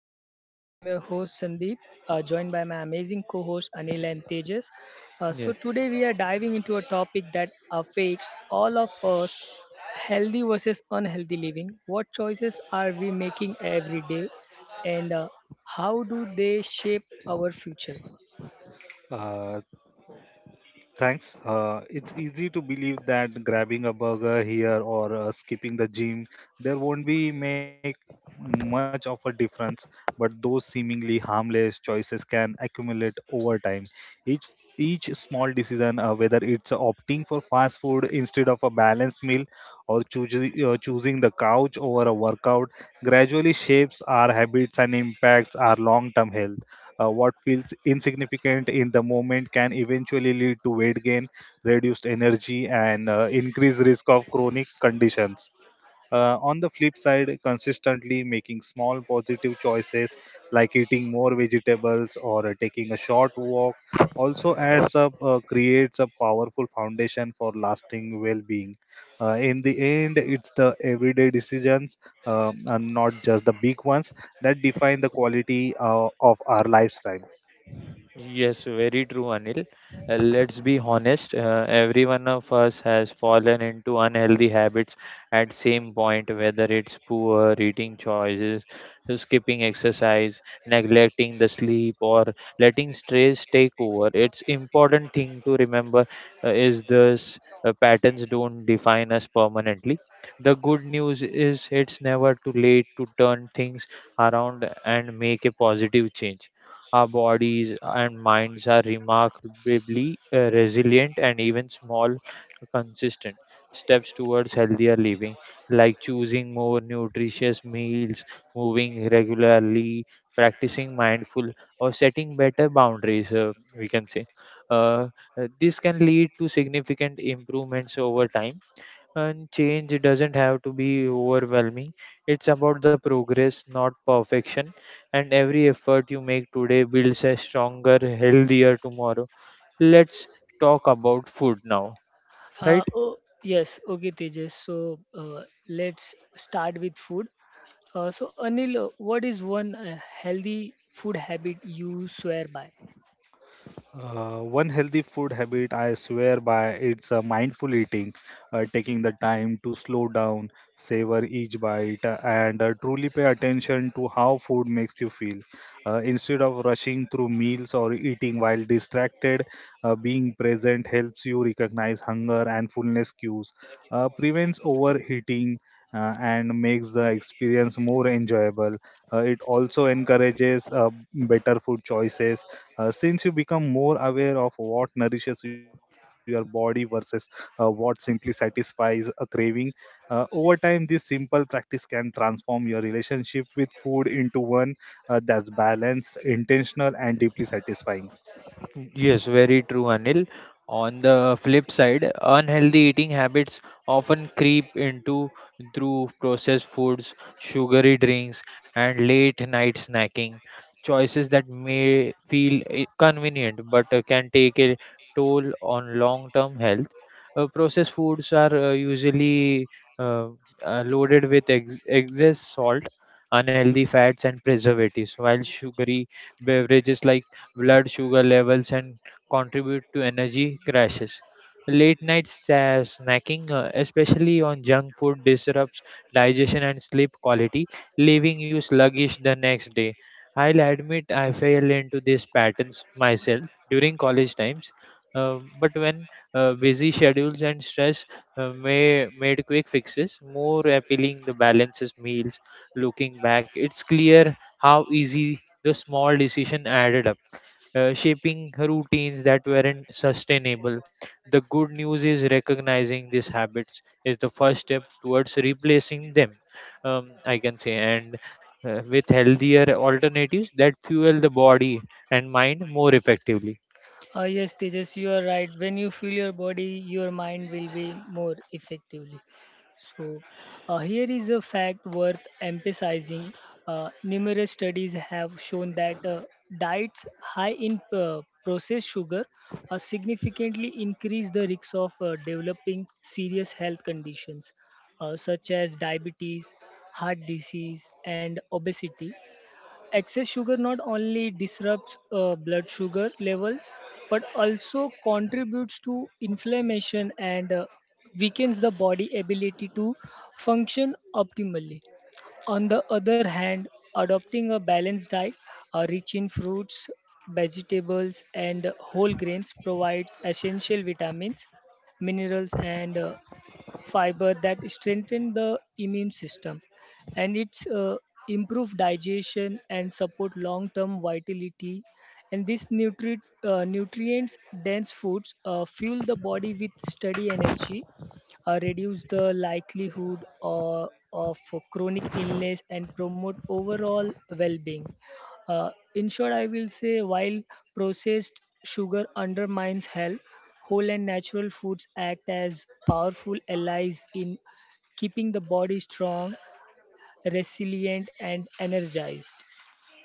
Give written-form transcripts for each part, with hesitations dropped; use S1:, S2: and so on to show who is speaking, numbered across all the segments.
S1: podcast. I'm your host Sandeep, joined by my amazing co-host Anil and Tejas. So
S2: Yes,
S1: today we are diving into a topic that affects all of us: healthy versus unhealthy living. What choices are we making every day, and how do they shape our future?
S3: Uh, Thanks. It's easy to believe that grabbing a burger here or skipping the gym, there won't be make much of a difference. But those seemingly harmless choices can accumulate over time. Each each small decision, whether it's opting for fast food instead of a balanced meal, or choosing the couch over a workout, gradually shapes our habits and impacts our long-term health. What feels insignificant in the moment can eventually lead to weight gain, reduced energy, and increased risk of chronic conditions. On the flip side, consistently making small positive choices like eating more vegetables or taking a short walk also adds up, creates a powerful foundation for lasting well being. In the end, it's the everyday decisions and not just the big ones that define the quality of our lifestyle.
S2: yes, Very true, Anil. Let's be honest, every one of us has fallen into unhealthy habits at same point, whether it's poor eating choices, skipping exercise, neglecting the sleep, or letting stress take over. It's important thing to remember is this patterns don't define us permanently. The good news is it's never too late to turn things around and make a positive change. Our bodies and minds are remarkably resilient, and even small, consistent steps towards healthier living, like choosing more nutritious meals, moving regularly, practicing mindful, or setting better boundaries, we can say. Uh, this can lead to significant improvements over time, and change doesn't have to be overwhelming. It's about the progress, not perfection. And every effort you make today builds a stronger, healthier tomorrow. Let's talk about food now, right?
S1: Uh, oh, yes, okay, Tejas. Let's start with food. Anil, what is one healthy food habit you swear by?
S3: One healthy food habit I swear by it's mindful eating, taking the time to slow down, savor each bite, and truly pay attention to how food makes you feel. Instead of rushing through meals or eating while distracted, being present helps you recognize hunger and fullness cues, prevents overheating. And makes the experience more enjoyable. It also encourages better food choices since you become more aware of what nourishes your body versus what simply satisfies a craving, over time, this simple practice can transform your relationship with food into one that's balanced, intentional, and deeply satisfying.
S2: Yes, very true, Anil. On the flip side, unhealthy eating habits often creep into through processed foods, sugary drinks, and late night snacking. Choices that may feel convenient but can take a toll on long term health. Processed foods are usually uh, loaded with excess salt, unhealthy fats, and preservatives, while sugary beverages like blood sugar levels, and contribute to energy crashes. Late night snacking, especially on junk food, disrupts digestion and sleep quality, leaving you sluggish the next day. I'll admit I fell into these patterns myself during college times, but when busy schedules and stress may made quick fixes more appealing the balances meals, looking back it's clear how easy the small decision added up, shaping routines that weren't sustainable. The good news is recognizing these habits is the first step towards replacing them, I can say, and with healthier alternatives that fuel the body and mind more effectively.
S1: Yes, Tejas, you are right. When you feel your body, your mind will be more effectively. So, here is a fact worth emphasizing. Numerous studies have shown that diets high in processed sugar significantly increase the risk of developing serious health conditions such as diabetes, heart disease, and obesity excess sugar not only disrupts blood sugar levels but also contributes to inflammation and weakens the body ability to function optimally on the other hand adopting a balanced diet rich in fruits vegetables and whole grains provides essential vitamins minerals and fiber that strengthen the immune system and it's improve digestion and support long term vitality and these nutrients dense foods fuel the body with steady energy reduce the likelihood of chronic illness and promote overall well being uh, in short, I will say while processed sugar undermines health, whole and natural foods act as powerful allies in keeping the body strong, resilient, and energized.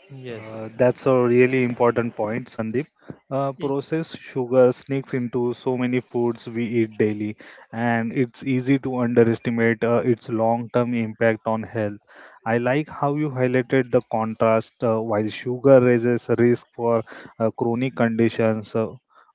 S2: Yes.
S3: That's a really important point, Sandeep. Processed sugar sneaks into so many foods we eat daily, and it's easy to underestimate its long-term impact on health. I like how you highlighted the contrast. While sugar raises risk for chronic conditions,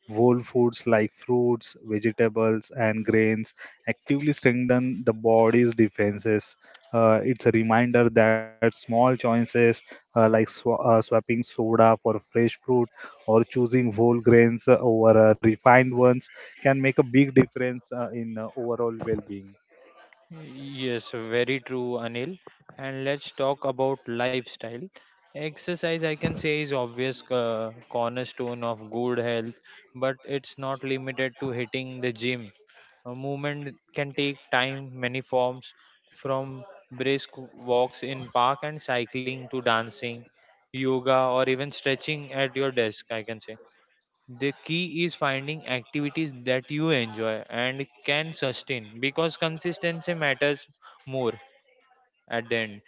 S3: whole foods like fruits, vegetables, and grains actively strengthen the body's defenses. It's a reminder that small choices like swapping soda for fresh fruit or choosing whole grains over refined ones, can make a big difference in overall well being.
S2: Yes, very true, Anil. And let's talk about lifestyle. Exercise, I can say, is obvious cornerstone of good health, but it's not limited to hitting the gym. A movement can take time, many forms, from brisk walks in park and cycling to dancing, yoga, or even stretching at your desk, I can say. The key is finding activities that you enjoy and can sustain, because consistency matters more at the end.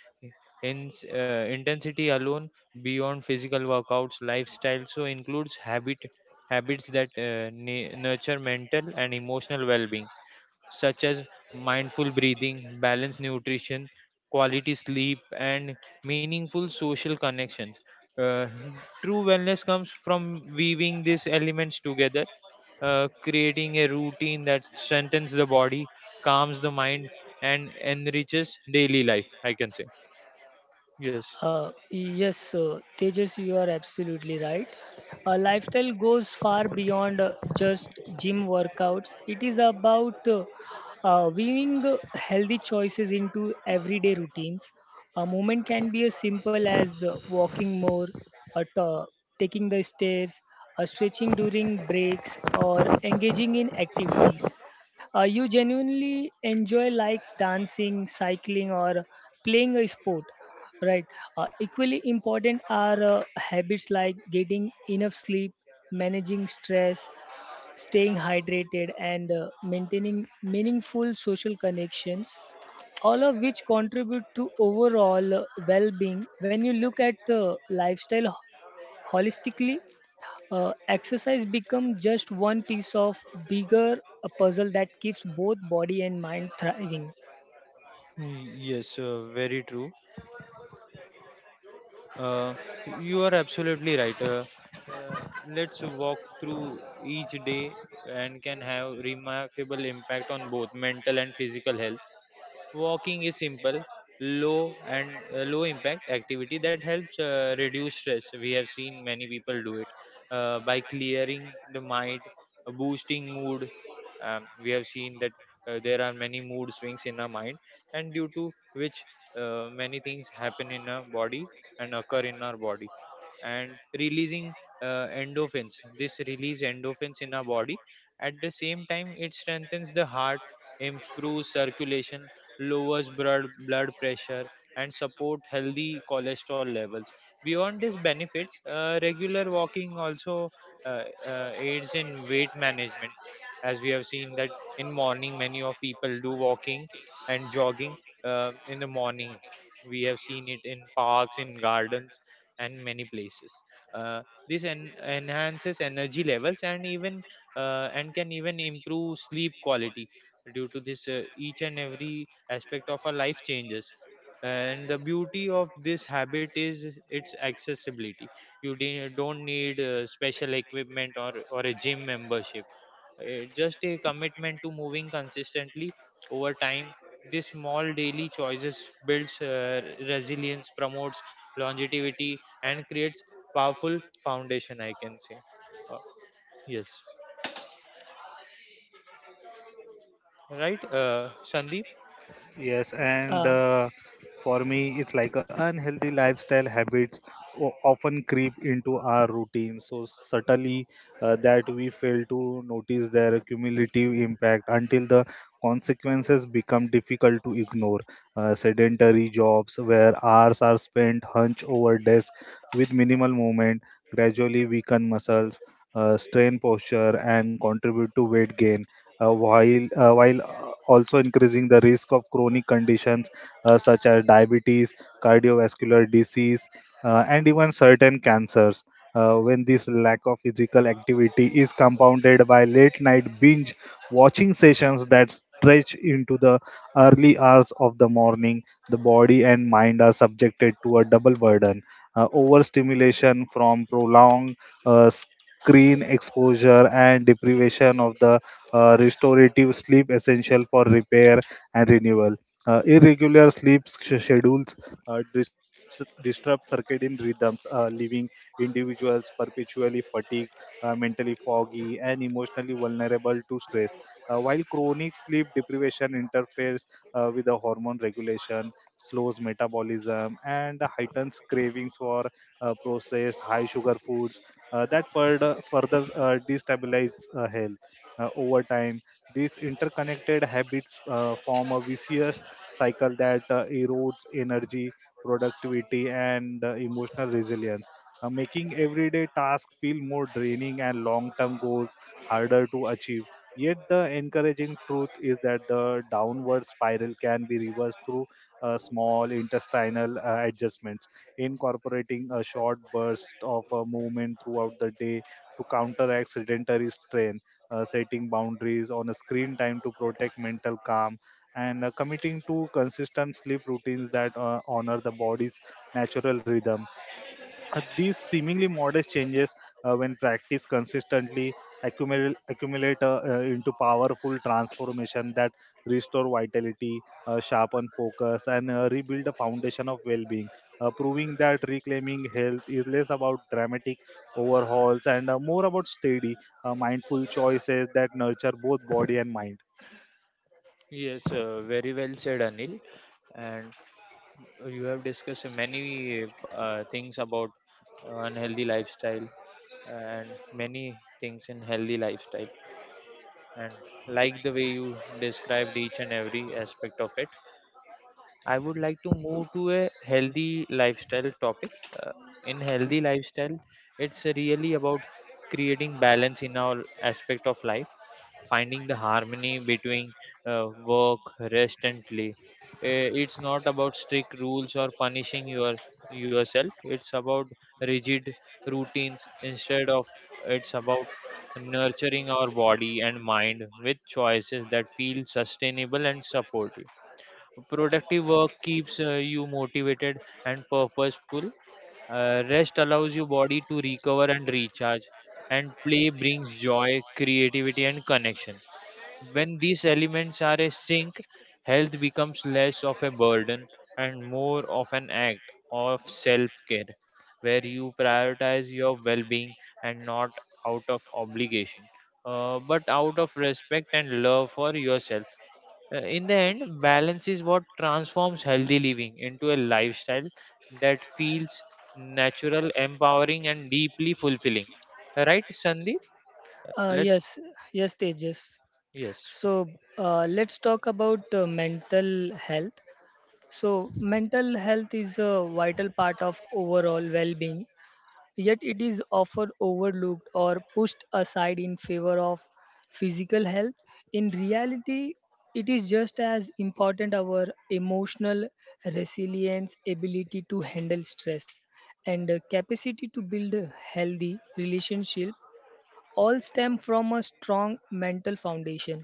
S2: In, intensity alone, beyond physical workouts, lifestyle so includes habits that nurture mental and emotional well-being such as mindful breathing, balanced nutrition, quality sleep, and meaningful social connections. Uh, True wellness comes from weaving these elements together, creating a routine that strengthens the body, calms the mind, and enriches daily life, I can say. Yes.
S1: Yes, Tejas, you are absolutely right. A lifestyle goes far beyond just gym workouts. It is about weaving healthy choices into everyday routines. A movement can be as simple as walking more, or taking the stairs, or stretching during breaks, or engaging in activities you genuinely enjoy like dancing cycling or playing a sport right equally important are habits like getting enough sleep managing stress staying hydrated and maintaining meaningful social connections all of which contribute to overall well-being when you look at lifestyle holistically exercise becomes just one piece of bigger a puzzle that keeps both body and mind thriving.
S2: Very true. Uh, you are absolutely right. Uh, let's walk through each day and can have remarkable impact on both mental and physical health. Walking is simple, low and low impact activity that helps reduce stress. We have seen many people do it by clearing the mind, boosting mood. We have seen that there are many mood swings in our mind, and due to which many things happen in our body and occur in our body, and releasing endorphins. This release endorphins in our body. At the same time, it strengthens the heart, improves circulation, lowers blood pressure, and support healthy cholesterol levels. Beyond these benefits, regular walking also aids in weight management. As we have seen that in morning, many of people do walking and jogging in the morning. We have seen it in parks, in gardens, and many places. Uh, this enhances energy levels, and even and can even improve sleep quality. Due to this, each and every aspect of our life changes, and the beauty of this habit is its accessibility. You don't need special equipment, or a gym membership. Uh, just a commitment to moving consistently over time, this small daily choices builds resilience, promotes longevity, and creates powerful foundation, I can say. Uh, yes right uh, Sandeep.
S3: Yes, and
S1: Uh,
S3: for me, it's like a unhealthy lifestyle habits often creep into our routine so subtly that we fail to notice their cumulative impact until the consequences become difficult to ignore. Sedentary jobs where hours are spent hunched over desk with minimal movement gradually weaken muscles strain posture and contribute to weight gain while also increasing the risk of chronic conditions such as diabetes cardiovascular disease and even certain cancers. When this lack of physical activity is compounded by late night binge watching sessions that stretch into the early hours of the morning, the body and mind are subjected to a double burden, overstimulation from prolonged uh, screen exposure and deprivation of the restorative sleep essential for repair and renewal. Irregular schedules disrupt circadian rhythms, leaving individuals perpetually fatigued, mentally foggy, and emotionally vulnerable to stress. While chronic sleep deprivation interferes with the hormone regulation, slows metabolism, and heightens cravings for processed, high sugar foods that further destabilize health over time. These interconnected habits form a vicious cycle that erodes energy, productivity, and emotional resilience, making everyday tasks feel more draining and long term goals harder to achieve. Yet, the encouraging truth is that the downward spiral can be reversed through small intestinal adjustments, incorporating a short burst of a movement throughout the day to counteract sedentary strain, setting boundaries on a screen time to protect mental calm, and committing to consistent sleep routines that honor the body's natural rhythm. These seemingly modest changes, when practiced consistently, accumulate into powerful transformation that restore vitality, sharpen focus, and rebuild a foundation of well-being, proving that reclaiming health is less about dramatic overhauls and more about steady, mindful choices that nurture both body and mind.
S2: Yes, very well said, Anil. And you have discussed many things about unhealthy lifestyle and many things in healthy lifestyle. And like the way you described each and every aspect of it, I would like to move to a healthy lifestyle topic. Uh, in healthy lifestyle, it's really about creating balance in all aspect of life, finding the harmony between work, rest, and play. It's not about strict rules or punishing yourself. It's about rigid routines. Instead of, it's about nurturing our body and mind with choices that feel sustainable and supportive. Productive work keeps you motivated and purposeful. Rest allows your body to recover and recharge, and play brings joy, creativity, and connection. When these elements are a sync, health becomes less of a burden and more of an act of self care, where you prioritize your well being and not out of obligation, but out of respect and love for yourself. In the end, balance is what transforms healthy living into a lifestyle that feels natural, empowering, and deeply fulfilling. Right, Sandeep? Let
S1: yes, yes, Tejas.
S2: yes,
S1: So let's talk about mental health. So mental health is a vital part of overall well-being, yet it is often overlooked or pushed aside in favor of physical health. In reality, it is just as important our emotional resilience, ability to handle stress, and capacity to build a healthy relationship all stem from a strong mental foundation.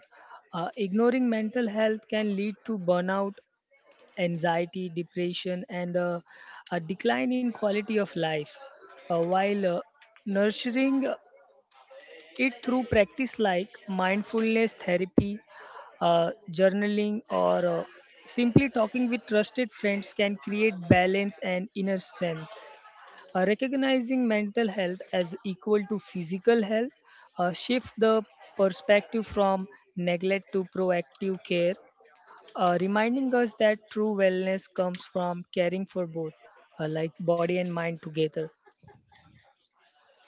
S1: Ignoring mental health can lead to burnout, anxiety, depression, and a decline in quality of life. While nurturing it through practice like mindfulness therapy, journaling, or simply talking with trusted friends can create balance and inner strength. Recognizing mental health as equal to physical health shift the perspective from neglect to proactive care, reminding us that true wellness comes from caring for both, like body and mind together.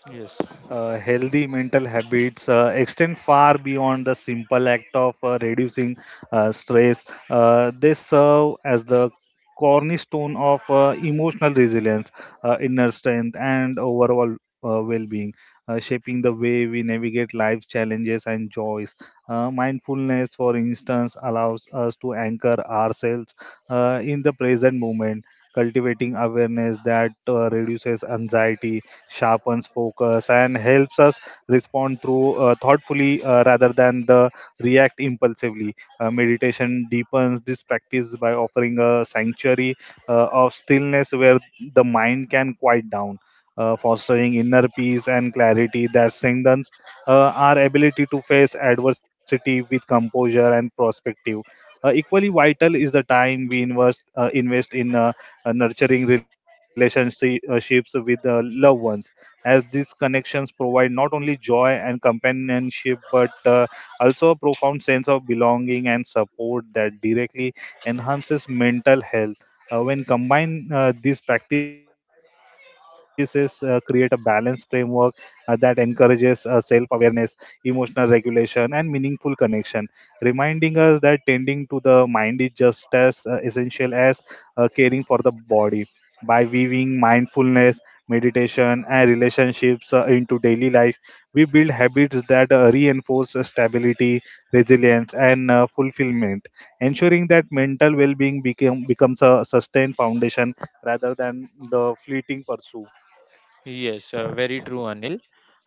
S2: yes,
S3: Healthy mental habits extend far beyond the simple act of reducing stress. They serve as the cornerstone of emotional resilience, inner strength, and overall well being, shaping the way we navigate life's challenges and joys. Mindfulness, for instance, allows us to anchor ourselves in the present moment. Cultivating awareness that reduces anxiety, sharpens focus and helps us respond through thoughtfully rather than the react impulsively. Meditation deepens this practice by offering a sanctuary of stillness where the mind can quiet down, fostering inner peace and clarity that strengthens our ability to face adversity with composure and perspective. Equally vital is the time we invest in nurturing relationships with loved ones, as these connections provide not only joy and companionship but also a profound sense of belonging and support that directly enhances mental health. When combined, these practices create a balanced framework that encourages self awareness, emotional regulation, and meaningful connection, reminding us that tending to the mind is just as essential as caring for the body. By weaving mindfulness meditation, and relationships into daily life, we build habits that reinforce stability, resilience, and fulfillment, ensuring that mental well-being becomes a sustained foundation rather than the fleeting pursuit.
S2: yes. Very true, Anil.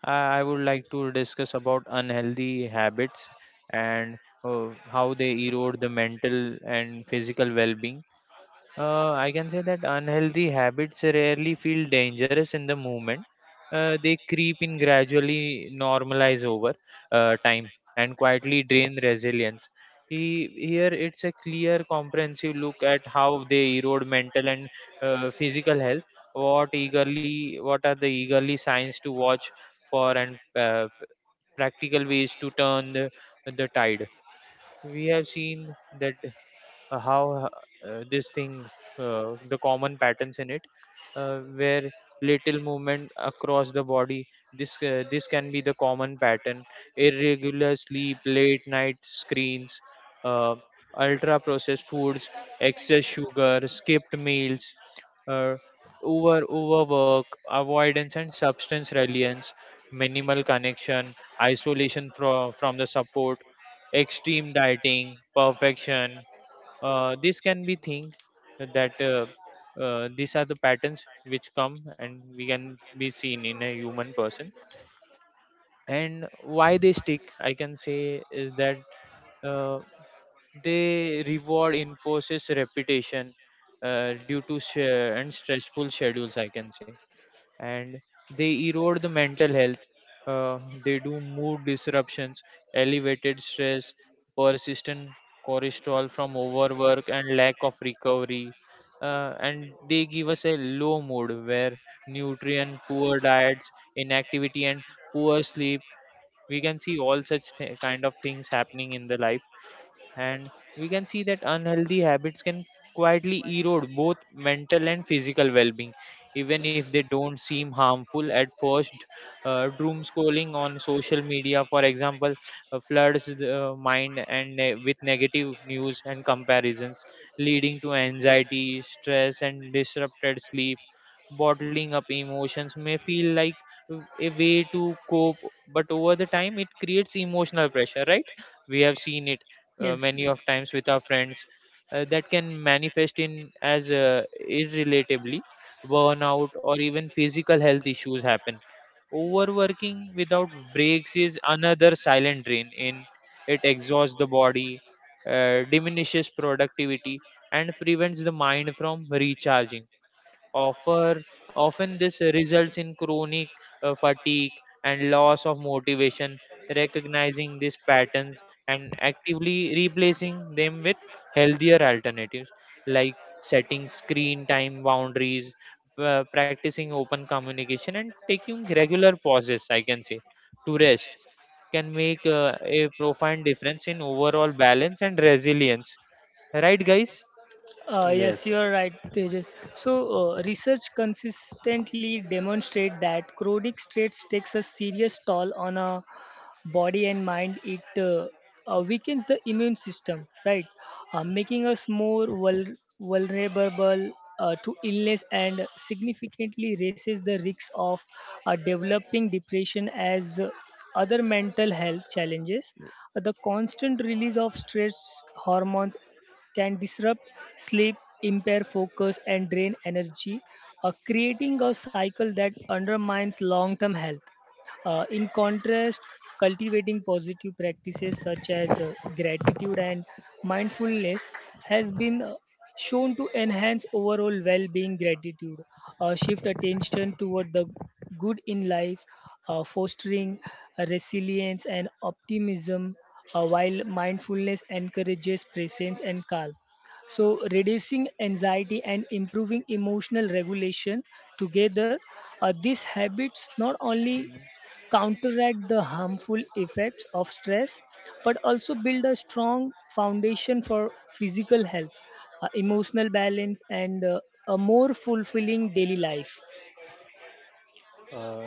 S2: I would like to discuss about unhealthy habits and how they erode the mental and physical well-being. I can say that unhealthy habits rarely feel dangerous in the moment. They creep in gradually, normalize over time, and quietly drain resilience. Here, it's a clear, comprehensive look at how they erode mental and physical health. What eagerly, what are the eagerly signs to watch for, and practical ways to turn the tide. We have seen that how this thing, the common patterns in it, where little movement across the body, this this can be the common pattern: irregular sleep, late night screens, uh, ultra processed foods, excess sugar, skipped meals, uh, over overwork, avoidance and substance reliance, minimal connection, isolation from the support, extreme dieting perfection. This can be think that these are the patterns which come and we can be seen in a human person. And why they stick, I can say, is that uh, they reward enforces reputation uh, due to sh- and stressful schedules, I can say, and they erode the mental health. Uh, they do mood disruptions, elevated stress, persistent cortisol from overwork, and lack of recovery. And they give us a low mood where nutrient poor diets, inactivity, and poor sleep. We can see all such kind of things happening in the life, and we can see that unhealthy habits can quietly erode both mental and physical well-being, even if they don't seem harmful at first. Doom scrolling on social media, for example, floods the mind and with negative news and comparisons, leading to anxiety, stress, and disrupted sleep. Bottling up emotions may feel like a way to cope, but over the time it creates emotional pressure, right? We have seen it
S1: Yes.
S2: many of times with our friends, that can manifest in as irrelatably burnout, or even physical health issues happen. Overworking without breaks is another silent drain. In it exhausts the body, diminishes productivity, and prevents the mind from recharging. Often this results in chronic fatigue and loss of motivation. Recognizing these patterns and actively replacing them with healthier alternatives, like setting screen time boundaries, practicing open communication, and taking regular pauses, I can say, to rest, can make a profound difference in overall balance and resilience. Right, guys?
S1: Yes, you
S3: Yes,
S1: are right, Tejas. So, research consistently demonstrate that chronic stress takes a serious toll on a body and mind it weakens the immune system right making us more vulnerable to illness and significantly raises the risk of developing depression as other mental health challenges. The constant release of stress hormones can disrupt sleep, impair focus, and drain energy, creating a cycle that undermines long term health. In contrast, cultivating positive practices such as gratitude and mindfulness has been shown to enhance overall well being, gratitude, shift attention toward the good in life, fostering resilience and optimism, while mindfulness encourages presence and calm. So, reducing anxiety and improving emotional regulation together, these habits not only counteract the harmful effects of stress, but also build a strong foundation for physical health, emotional balance, and a more fulfilling daily life.
S3: uh,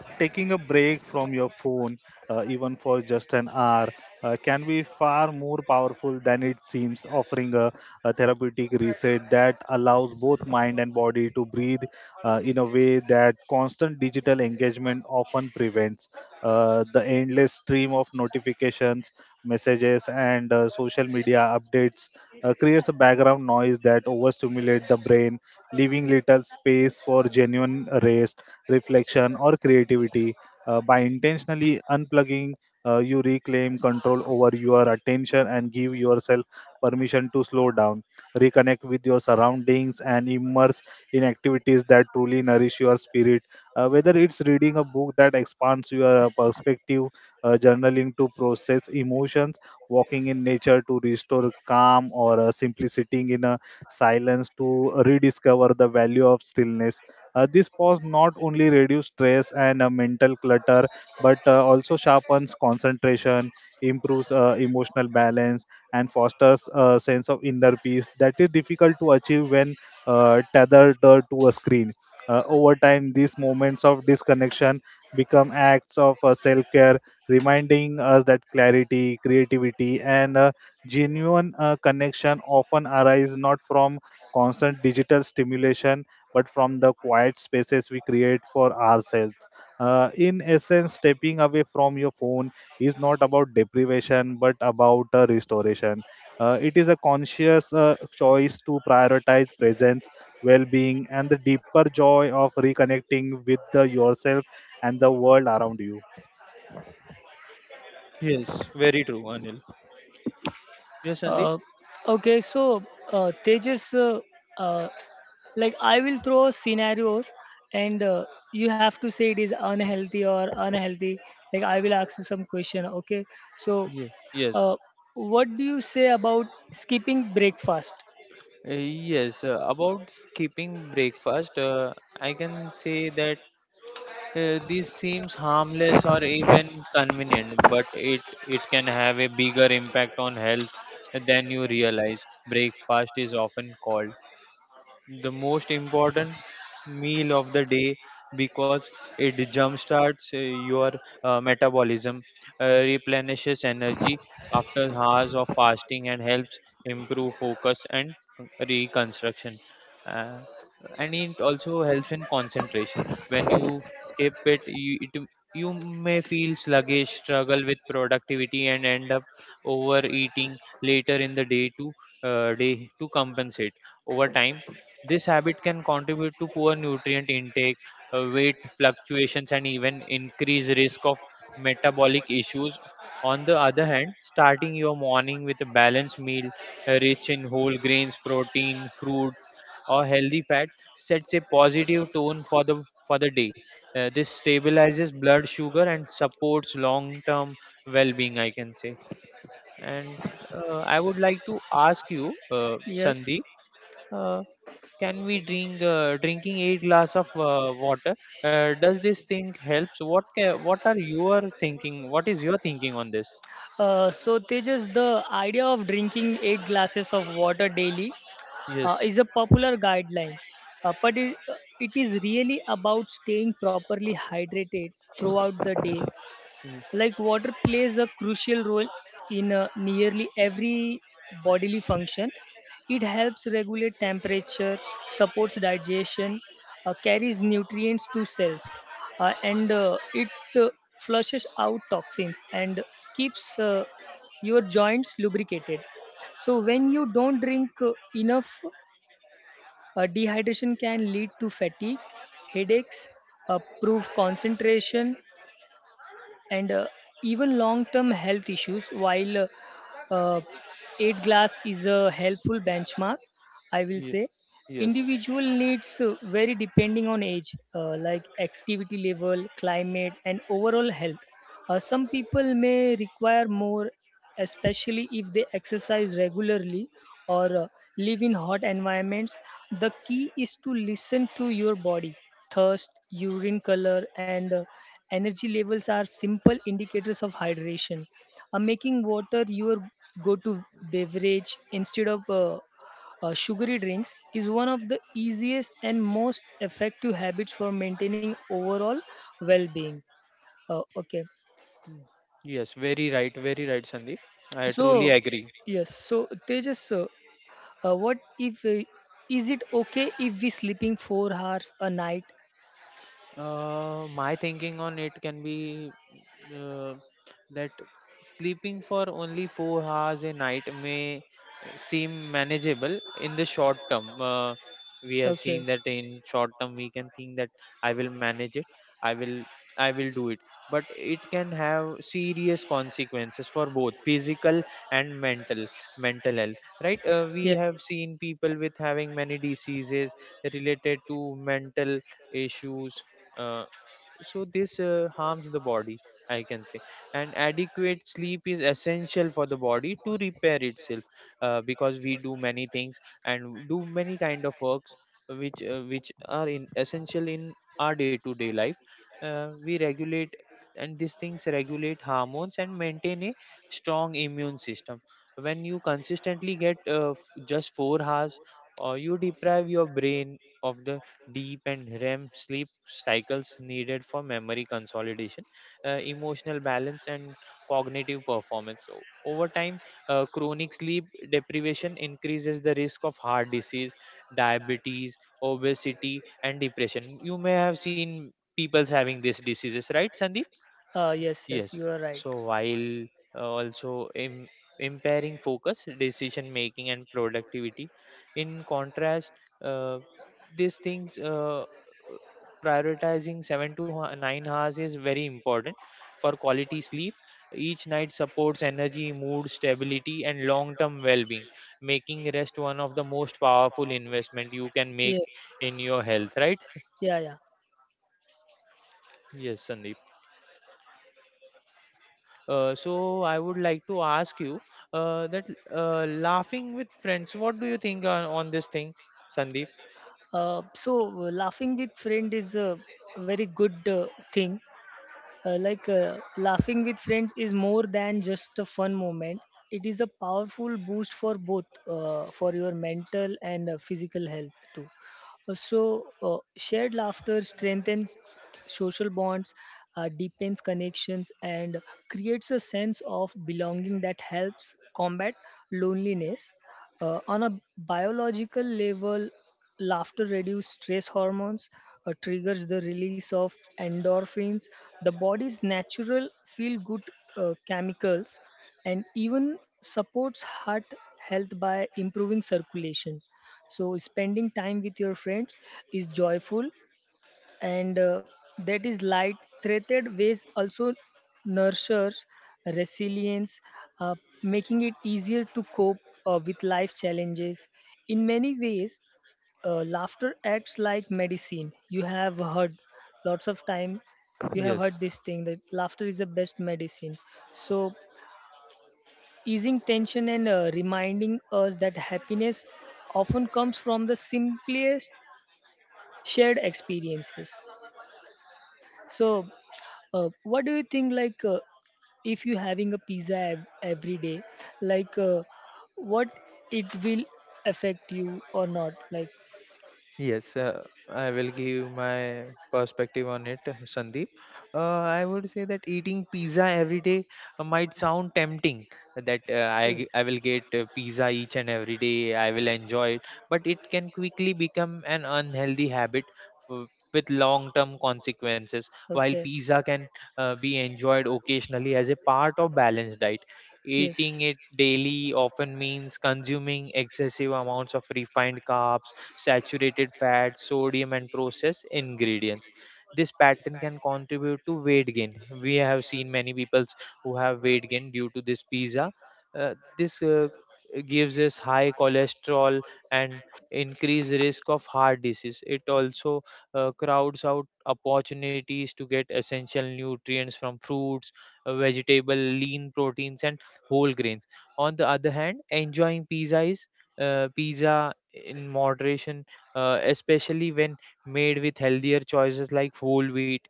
S3: taking a break from your phone, even for just an hour, can be far more powerful than it seems, offering a therapeutic reset that allows both mind and body to breathe in a way that constant digital engagement often prevents. The endless stream of notifications, messages, and social media updates. Creates a background noise that overstimulates the brain, leaving little space for genuine rest reflection, or creativity. By intentionally unplugging, you reclaim control over your attention and give yourself permission to slow down, reconnect with your surroundings, and immerse in activities that truly nourish your spirit. Whether it's reading a book that expands your perspective, journaling to process emotions, walking in nature to restore calm, or simply sitting in a silence to rediscover the value of stillness. This pause not only reduces stress and mental clutter, but also sharpens concentration, improves emotional balance, and fosters a sense of inner peace that is difficult to achieve when tethered to a screen. Over time, these moments of disconnection become acts of self care, reminding us that clarity, creativity, and genuine connection often arise not from constant digital stimulation but from the quiet spaces we create for ourselves. In essence, stepping away from your phone is not about deprivation but about restoration. It is a conscious choice to prioritize presence, well being, and the deeper joy of reconnecting with the yourself and the world around you.
S2: Yes, very true, Anil. Yes, Sandeep?
S1: Uh, okay, Tejas, uh, like I will throw scenarios, and you have to say it is unhealthy or unhealthy. Like I will ask you some question. Okay, so
S2: Yes, yes.
S1: uh, what do you say about skipping breakfast?
S2: Yes. About skipping breakfast, I can say that this seems harmless or even convenient, but it can have a bigger impact on health than you realize. Breakfast is often called the most important meal of the day, because it jumpstarts your metabolism, replenishes energy after hours of fasting, and helps improve focus and reconstruction. Uh, and it also helps in concentration. When you skip it, you may feel sluggish, struggle with productivity, and end up overeating later in the day to compensate. Over time, this habit can contribute to poor nutrient intake, weight fluctuations, and even increased risk of metabolic issues. On the other hand, starting your morning with a balanced meal rich in whole grains, protein, fruits, or healthy fat sets a positive tone for the day. This stabilizes blood sugar and supports long-term well-being, I can say. And I would like to ask you,
S1: Yes.
S2: Sandeep. Uh, can we drink Drinking 8 glasses of water, does this thing helps? What are your thinking, what is your thinking on this?
S1: So Tejas, the idea of drinking 8 glasses of water daily
S2: Yes.
S1: is a popular guideline, but it it is really about staying properly hydrated throughout the day
S2: Mm.
S1: like water plays a crucial role in nearly every bodily function it helps regulate temperature supports digestion carries nutrients to cells and it uh, flushes out toxins and keeps your joints lubricated so when you don't drink enough dehydration can lead to fatigue headaches poor concentration and even long term health issues. While uh, uh, 8 glass is a helpful benchmark, I will
S2: Ye-
S1: say
S2: yes.
S1: individual needs vary depending on age like activity level climate and overall health some people may require more especially if they exercise regularly or live in hot environments the key is to listen to your body thirst urine color and energy levels are simple indicators of hydration making water your go to beverage instead of sugary drinks is one of the easiest and most effective habits for maintaining overall well-being. Okay,
S2: Mm. Yes, very right, very right, Sandeep. I truly
S1: so
S2: agree.
S1: yes, so Tejas, what if is it okay if we sleeping 4 hours a night?
S2: My thinking on it can be uh, that sleeping for only 4 hours a night may seem manageable in the short term. We have
S1: Okay,
S2: seen that in short term we can think that I will manage it, I will, I will do it. But it can have serious consequences for both physical and mental health. Right? We
S1: yeah,
S2: have seen people with having many diseases related to mental issues. uh, so this harms the body, I can say, and adequate sleep is essential for the body to repair itself, because we do many things and do many kind of works which are in essential in our day to day life. We regulate and these things regulate hormones and maintain a strong immune system. When you consistently get just 4 hours or you deprive your brain of the deep and REM sleep cycles needed for memory consolidation, emotional balance, and cognitive performance. So, over time, chronic sleep deprivation increases the risk of heart disease, diabetes, obesity, and depression. You may have seen people's having these diseases, right, Sandeep?
S1: yes, yes,
S2: Yes.
S1: you are right.
S2: So while also impairing focus, decision making, and productivity, in contrast, uh, these things prioritizing seven to 9 hours is very important for quality sleep. Each night supports energy, mood stability, and long-term well-being, making rest one of the most powerful investment you can
S1: Yeah,
S2: make in your health. Right?
S1: yeah, yeah.
S2: Yes, Sandeep. So I would like to ask you that laughing with friends, what do you think on this thing, Sandeep?
S1: Laughing with friend is a very good thing. Like laughing with friends is more than just a fun moment. It is a powerful boost for both for your mental and physical health too. Uh, So, shared laughter strengthens social bonds, deepens connections, and creates a sense of belonging that helps combat loneliness. On a biological level, laughter reduces stress hormones, triggers the release of endorphins, the body's natural feel good chemicals, and even supports heart health by improving circulation. So, spending time with your friends is joyful and that is light threaded ways also nurtures resilience uh, making it easier to cope with life challenges in many ways laughter acts like medicine you have heard lots of time you have heard
S2: Yes.
S1: this thing that laughter is the best medicine so easing tension and reminding us that happiness often comes from the simplest shared experiences so what do you think? Like, if you having a pizza every day, like, what it will affect you or not? Like,
S2: Yes, I will give my perspective on it, Sandeep. I would say that eating pizza every day might sound tempting. That
S1: oh,
S2: I will get pizza each and every day. I will enjoy it, but it can quickly become an unhealthy habit w- with long-term consequences. While
S1: okay,
S2: pizza can be enjoyed occasionally as a part of balanced diet,
S1: yes,
S2: eating it daily often means consuming excessive amounts of refined carbs, saturated fat, sodium, and processed ingredients. This pattern can contribute to weight gain. We have seen many people who have weight gain due to this pizza. This gives us high cholesterol and increased risk of heart disease. It also crowds out opportunities to get essential nutrients from fruits, vegetable, lean proteins, and whole grains. On the other hand, enjoying pizza in moderation, especially when made with healthier choices like whole wheat.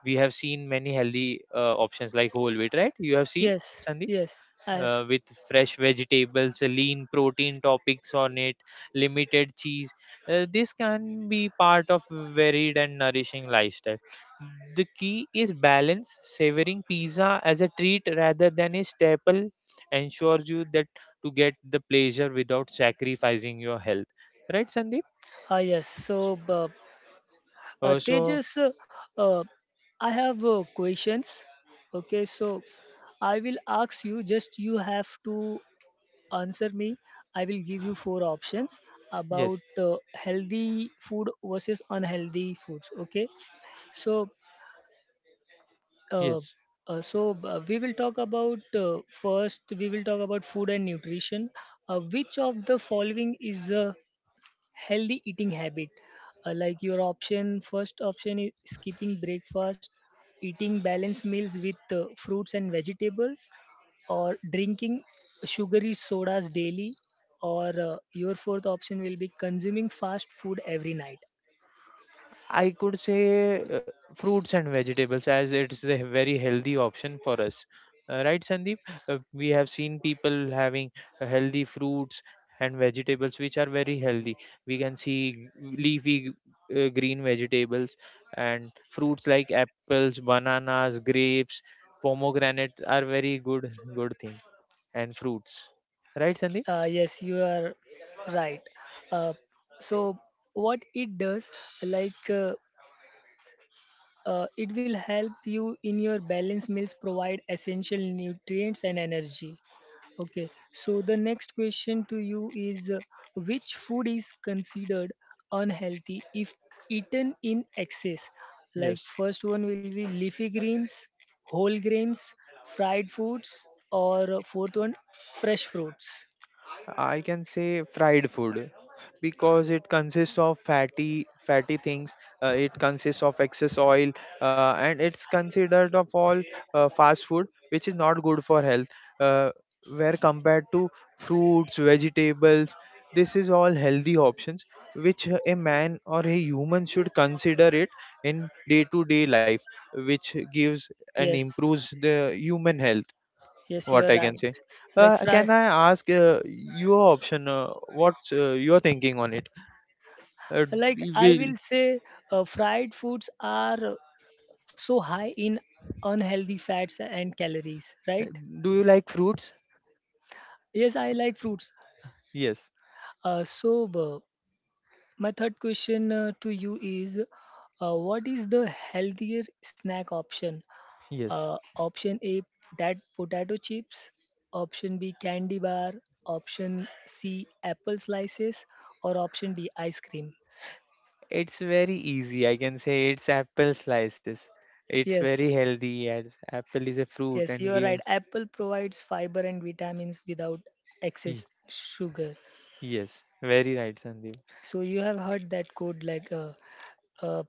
S2: We have seen many healthy options like whole wheat, right? You have seen,
S1: yes,
S2: Sandeep?
S1: yes. I have.
S2: With fresh vegetables, lean protein topics on it, limited cheese. This can be part of varied and nourishing lifestyle. The key is balance, savoring pizza as a treat rather than a staple ensures you that to get the pleasure without sacrificing your health. Right, Sandeep?
S1: Ah, yes. So,
S2: Uh, so,
S1: Tejas, uh, I have questions. Okay, so I will ask you. Just you have to answer me. I will give you four options about
S2: yes,
S1: healthy food versus unhealthy foods. Okay. So, uh,
S2: yes.
S1: we will talk about first. We will talk about food and nutrition. Which of the following is a healthy eating habit like your option first option is skipping breakfast eating balanced meals with fruits and vegetables or drinking sugary sodas daily or your fourth option will be consuming fast food every night.
S2: I could say fruits and vegetables, as it's a very healthy option for us. Right, Sandeep? We have seen people having healthy fruits and vegetables, which are very healthy. We can see leafy green vegetables and fruits like apples, bananas, grapes, pomegranates are very good thing and fruits. Right, Sandeep?
S1: Yes you are right uh, so what it does like it will help you in your balanced meals, provide essential nutrients and energy. Okay, so the next question to you is which food is considered unhealthy if eaten in excess? Like,
S2: Yes.
S1: first one will be leafy greens, whole grains, fried foods, or fourth one, fresh fruits.
S2: I can say fried food because it consists of fatty things. It consists of excess oil, and it's considered of all fast food, which is not good for health. Uh, where compared to fruits, vegetables, this is all healthy options which a man or a human should consider it in day to day life, which gives and
S1: Yes,
S2: improves the human health,
S1: yes, you
S2: what
S1: are
S2: I can
S1: right.
S2: say.
S1: Like, fry,
S2: Can I ask your option? What's your thinking on it? Uh,
S1: like
S2: d-
S1: I
S2: will
S1: will say, fried foods are so high in unhealthy fats and calories, right?
S2: Do you like fruits?
S1: Yes, I like fruits.
S2: Yes,
S1: Uh, so, uh, my third question to you is what is the healthier snack option?
S2: yes.
S1: Option A, potato chips, option B, candy bar, option C, apple slices, or option D, ice cream.
S2: It's very easy. I can say it's apple slices. It's very
S1: Yes,
S2: healthy as apple is a fruit
S1: yes,
S2: and
S1: you are right.
S2: gives.
S1: Apple provides fiber and vitamins without
S2: Ye-
S1: excess sugar.
S2: Yes, very right, Sandeep.
S1: So you have heard that quote like uh,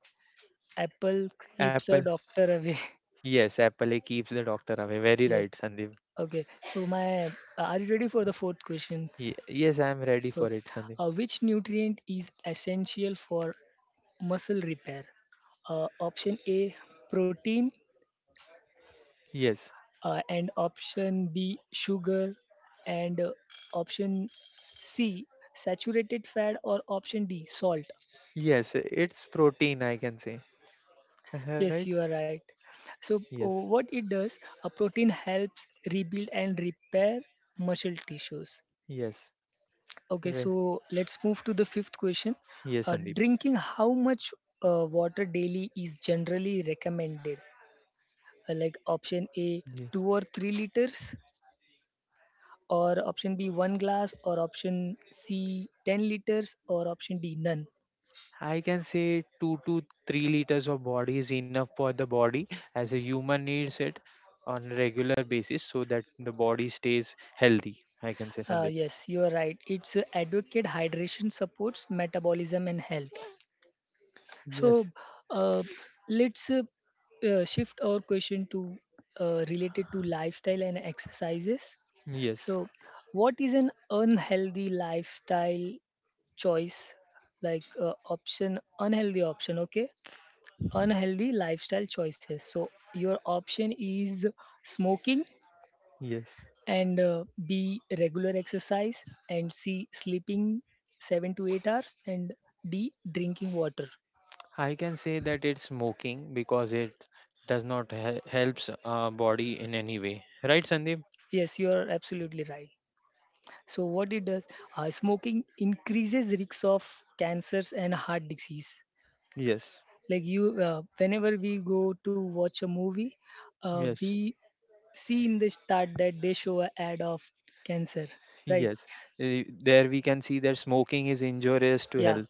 S1: apple keeps
S2: Apple.
S1: a doctor away.
S2: Yes, apple it keeps the doctor away. Very
S1: yes.
S2: right, Sandeep.
S1: Okay. So my are you ready for the fourth question?
S2: Yes, I am ready
S1: So
S2: for it, Sandeep.
S1: which nutrient is essential for muscle repair? Option A protein
S2: Yes,
S1: and option B sugar and option C saturated fat or option D salt.
S2: yes. It's protein. I can say.
S1: Yes,
S2: Right?
S1: you are right. So,
S2: Yes.
S1: what it does, a protein helps rebuild and repair muscle tissues.
S2: Yes.
S1: Okay,
S2: Well,
S1: so let's move to the fifth question.
S2: yes, Sandeep.
S1: Drinking how much water daily is generally recommended? Like option A,
S2: Yes.
S1: 2 or 3 liters, or option B, 1 glass, or option C, 10 liters, or option D, none.
S2: I can say 2 to 3 liters of body is enough for the body as a human needs it on a regular basis so that the body stays healthy. I can say, Sandeep.
S1: Yes, you are right. It's advocate hydration supports metabolism and health. So
S2: Yes,
S1: uh, let's shift our question to related to lifestyle and exercises.
S2: yes,
S1: So, what is an unhealthy lifestyle choice? Like option, unhealthy option, okay? Unhealthy lifestyle choices. So, your option is smoking
S2: yes.
S1: and B, regular exercise, and C, sleeping 7 to 8 hours, and D, drinking water.
S2: I can say that it's smoking because it does not helps our body in any way. Right, Sandeep?
S1: Yes, you are absolutely right. So what it does, smoking increases risks of cancers and heart disease.
S2: Yes,
S1: Like you, whenever we go to watch a movie,
S2: yes,
S1: we see in the start that they show a ad of cancer, right?
S2: yes. Eh, there we can see that smoking is injurious to
S1: Yeah,
S2: health.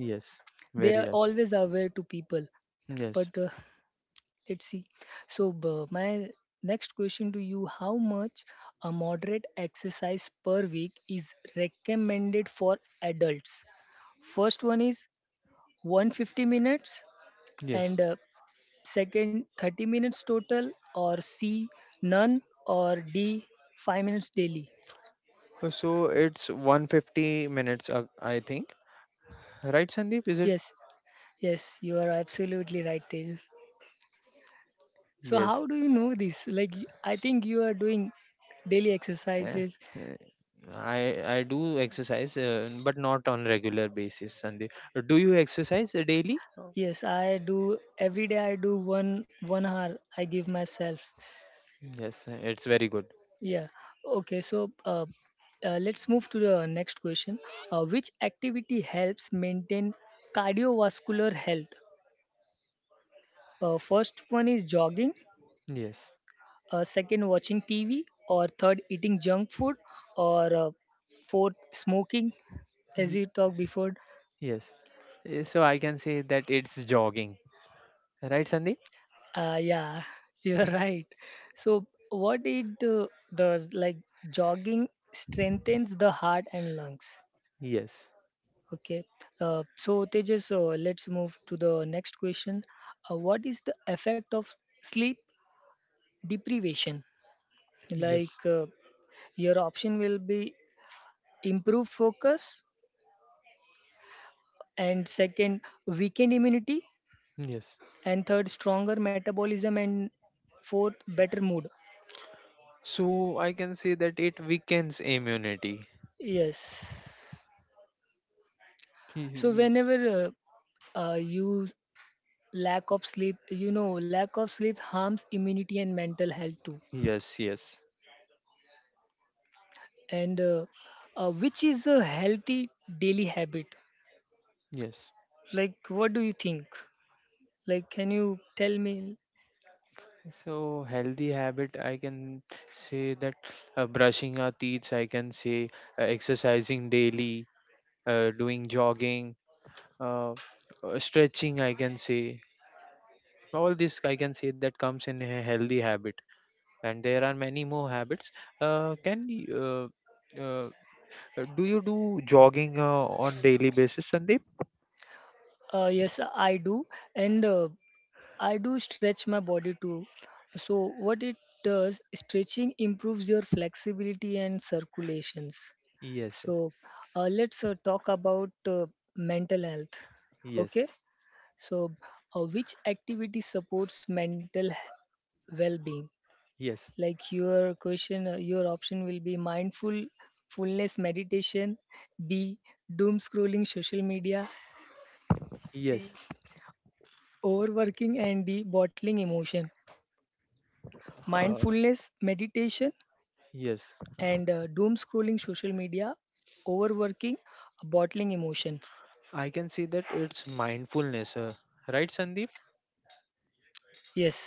S2: Yes,
S1: they
S2: very
S1: are
S2: right.
S1: always aware to people.
S2: Yes.
S1: But let's see. My next question to you: how much a moderate exercise per week is recommended for adults? First one is 150 minutes
S2: Yes.
S1: and second 30 minutes total, or c none, or d 5 minutes daily.
S2: So it's 150 minutes, I think. Right, Sandeep? Is it?
S1: Yes yes you are absolutely right, Tejas. So
S2: Yes.
S1: how do you know this? I think you are doing daily
S2: eh,
S1: exercises.
S2: eh, I do exercise, but not on regular basis, Sandeep. Do you exercise daily?
S1: Yes, I do. Every day I do one hour I give myself.
S2: Yes, eh, it's very good.
S1: Yeah, okay, so let's move to the next question. Which activity helps maintain cardiovascular health? First one is jogging,
S2: Yes.
S1: second watching TV, or third eating junk food, or fourth smoking, as
S2: Ye-
S1: we talked before.
S2: Yes. Eh, so I can say that it's jogging. Right, Sandeep?
S1: Yeah, you're
S2: Eh,
S1: right. So what it does, jogging strengthens the heart and lungs.
S2: yes.
S1: Okay. So Tejas, let's move to the next question. What is the effect of sleep deprivation?
S2: Yes.
S1: Like your option will be improve focus, and second weakened immunity,
S2: Yes.
S1: and third stronger metabolism, and fourth better mood.
S2: So I can say that it weakens immunity.
S1: Yes. So
S2: He-
S1: whenever you lack of sleep, lack of sleep harms immunity and mental health too.
S2: Yes, yes.
S1: And which is a healthy daily habit?
S2: Yes.
S1: Like what do you think? Like, can you tell me?
S2: So healthy habit, I can say that brushing our teeth, I can say exercising daily, doing jogging, uh, stretching, I can say all this I can say that comes in a healthy habit. And there are many more habits. Uh, can y- uh, uh, do you do jogging on daily basis, Sandeep?
S1: Uh, yes, I do. And I do stretch my body too. So what it does, stretching improves your flexibility and circulations.
S2: Yes, yes,
S1: So let's talk about mental health.
S2: yes,
S1: Okay. So which activity supports mental well-being?
S2: yes,
S1: Like your question, your option will be mindful, fullness meditation. B, doom scrolling social media.
S2: yes,
S1: C, overworking, and D, bottling emotion.
S2: uh,
S1: Mindfulness meditation,
S2: yes. Uh,
S1: and doom scrolling social media, overworking, bottling emotion.
S2: I can say that it's mindfulness, right, Sandeep?
S1: Yes,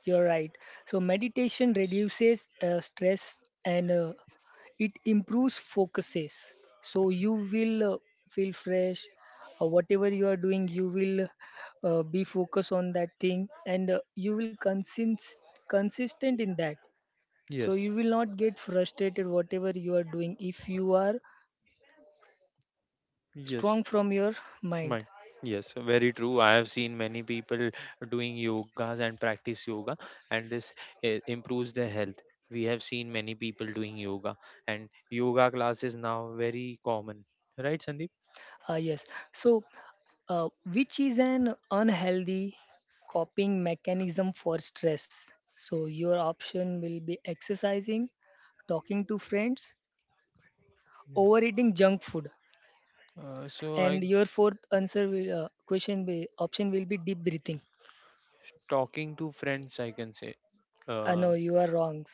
S1: you're right. So meditation reduces stress, and it improves focuses. So you will feel fresh. Uh, whatever you are doing, you will be focused on that thing, and you will consistent in that. So
S2: Yes,
S1: you will not get frustrated whatever you are doing if you are
S2: yes,
S1: strong from your mind.
S2: my yes, very true. I have seen many people doing yogas and practice yoga, and this improves their health. We have seen many people doing yoga, and yoga class is now very common, right, Sandeep?
S1: Uh, yes. So which is an unhealthy coping mechanism for stress? So your option will be exercising, talking to friends,
S2: Mm.
S1: overeating junk food,
S2: So I
S1: and your fourth answer will, question will, option will be deep breathing.
S2: Talking to friends, I can say.
S1: Uh,
S2: Uh,
S1: no, you are wrong.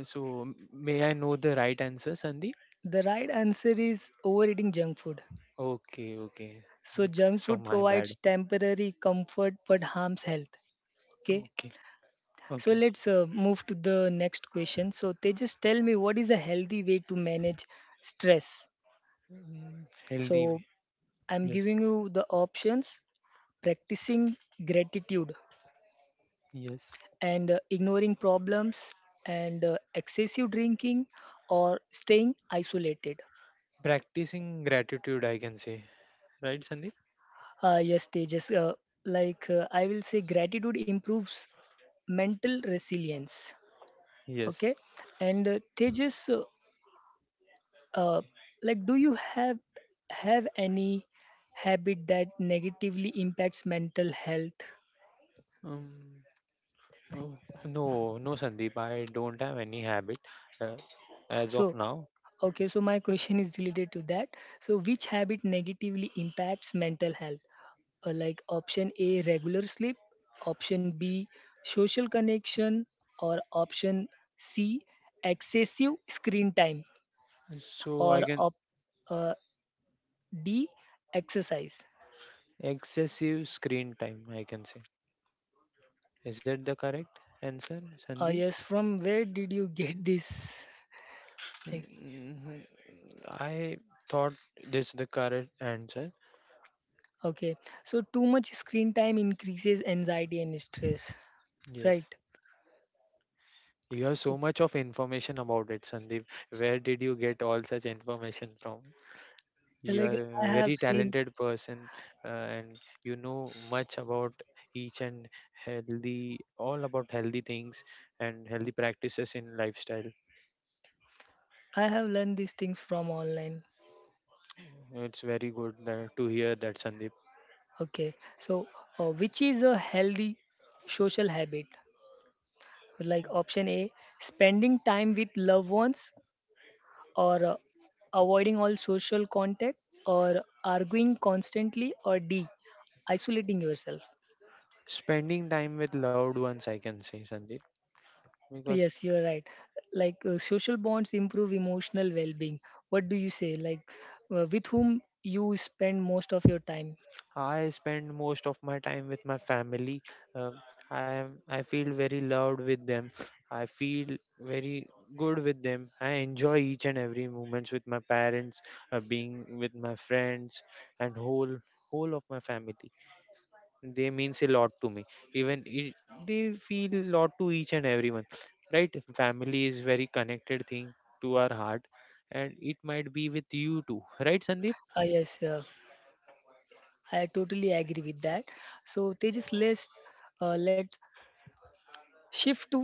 S2: may I know the right answer, Sandeep?
S1: The right answer is overeating junk food.
S2: Okay, okay. Mm,
S1: So junk
S2: so
S1: food
S2: my bad.
S1: provides temporary comfort but harms health. Okay.
S2: Okay,
S1: So
S2: okay.
S1: let's move to the next question. So they just tell me, what is a healthy way to manage stress?
S2: Mm, healthy way.
S1: So I'm
S2: Yes,
S1: giving you the options: practicing gratitude,
S2: yes.
S1: and ignoring problems, and excessive drinking, or staying isolated.
S2: Practicing gratitude, I can say. Right, Sandeep?
S1: Yes, they just like I will say gratitude improves mental resilience.
S2: Yes.
S1: Okay. And Tejas, uh, like do you have any habit that negatively impacts mental health?
S2: Um, oh, no, no, Sandeep. I don't have any habit uh, as
S1: So
S2: of now.
S1: okay, so my question is related to that. So which habit negatively impacts mental health? Like option a, regular sleep, option b, social connection, or option c, excessive screen time,
S2: So I
S1: or
S2: can
S1: op, uh, d, exercise.
S2: Excessive screen time, I can say. Is that the correct answer,
S1: Uh,
S2: Sandeep?
S1: yes, from where did you get this? Like,
S2: Mm, I thought this the correct answer.
S1: okay, so too much screen time increases anxiety and stress,
S2: Yes.
S1: right?
S2: You have so
S1: Okay.
S2: much of information about it, Sandeep. Where did you get all such information from? You are
S1: Like,
S2: a
S1: I
S2: very
S1: have seen,
S2: talented person, and you know much about each and healthy, all about healthy things and healthy practices in lifestyle.
S1: I have learned these things from online.
S2: It's very good that, to hear that, Sandeep.
S1: Okay, so which is a healthy social habit? Like option A, spending time with loved ones, or avoiding all social contact, or arguing constantly, or D, isolating yourself.
S2: Spending time with loved ones, I can say, Sandeep, because
S1: Yes, you're right. Like social bonds improve emotional well-being. What do you say? Like with whom you spend most of your time?
S2: I spend most of my time with my family. Um, I feel very loved with them. I feel very good with them. I enjoy each and every moments with my parents, being with my friends, and whole of my family. They means a lot to me. Even it, they feel a lot to each and everyone. Right? Family is very connected thing to our heart, and it might be with you too. Right, Sandeep?
S1: Ah, yes, I totally agree with that. So Tejas, let's uh, let's shift to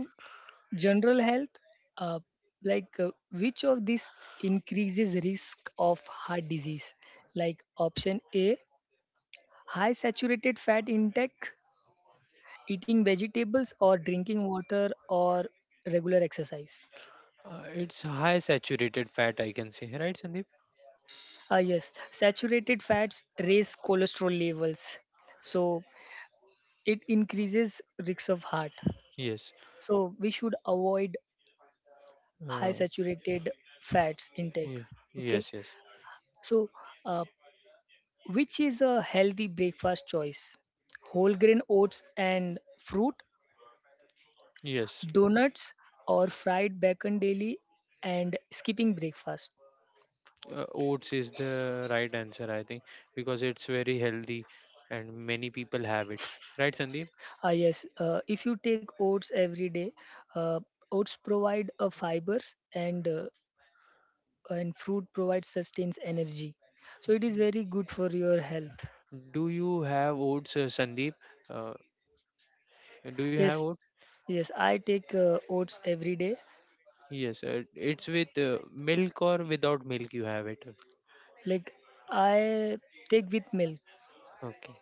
S1: general health. Uh, like which of these increases risk of heart disease? Like option A, high saturated fat intake, eating vegetables, or drinking water, or regular exercise.
S2: It's high saturated fat, I can say, right, Sandeep?
S1: Ah, yes, saturated fats raise cholesterol levels, so it increases risks of heart.
S2: Yes.
S1: So we should avoid high
S2: Uh,
S1: saturated fats intake.
S2: yes,
S1: Okay,
S2: yes, yes.
S1: so uh, which is a healthy breakfast choice? Whole grain oats and fruit,
S2: Yes.
S1: donuts, or fried bacon daily, and skipping breakfast.
S2: Oats is the right answer, I think, because it's very healthy and many people have it. Right, Sandeep?
S1: Ah, yes, if you take oats every day, uh, oats provide fibers, and fruit provides sustains energy, so it is very good for your health.
S2: Do you have oats, Sandeep? Uh, do you have
S1: Yes,
S2: oats?
S1: yes, I take oats every day.
S2: Yes. It's with milk or without milk, you have it.
S1: Like, I take with milk.
S2: Okay.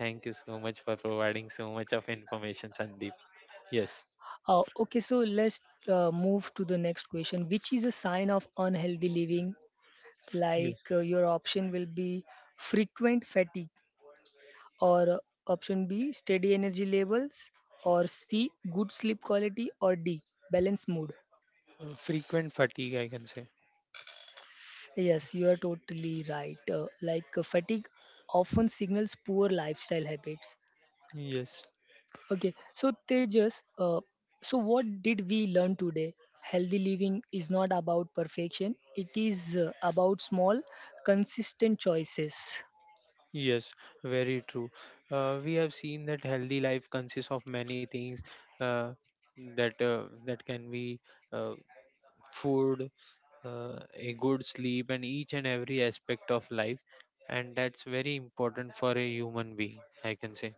S2: Thank you so much for providing so much of information, Sandeep. Yes.
S1: Okay, so let's move to the next question. Which is a sign of unhealthy living?
S2: Yes.
S1: Like your option will be frequent fatigue, or option b steady energy levels, or c good sleep quality, or d balanced mood.
S2: Frequent fatigue, I can say.
S1: Yes, you are totally right. Like fatigue often signals poor lifestyle habits.
S2: Yes.
S1: Okay, so Tejas, so what did we learn today? Healthy living is not about perfection, it is about small, consistent choices.
S2: Yes, very true. We have seen that healthy life consists of many things uh, that can be uh, food, a good sleep, and each and every aspect of life, and that's very important for a human being. I can say.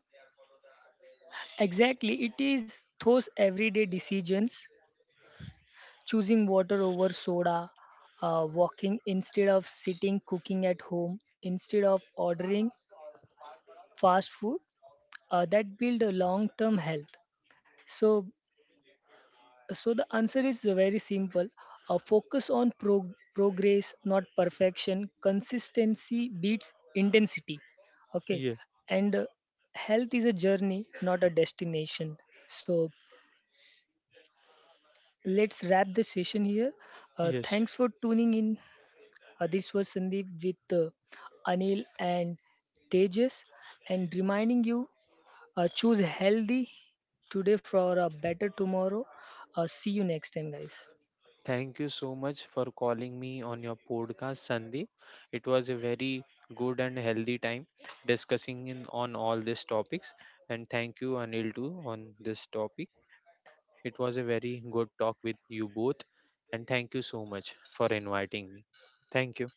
S1: Exactly, it is those everyday decisions: choosing water over soda, walking instead of sitting, cooking at home instead of ordering fast food, that build a long-term health. So, so the answer is very simple. Focus on progress, not perfection. Consistency beats intensity. Okay,
S2: Yes,
S1: and health is a journey, not a destination. So let's wrap the session here.
S2: yes.
S1: Thanks for tuning in. This was Sandeep with Anil and Tejas, and reminding you, choose healthy today for a better tomorrow. See you next time, guys.
S2: Thank you so much for calling me on your podcast, Sandeep. It was a very good and healthy time discussing on all these topics, and thank you, Anil, too, on this topic. It was a very good talk with you both, and thank you so much for inviting me. Thank you.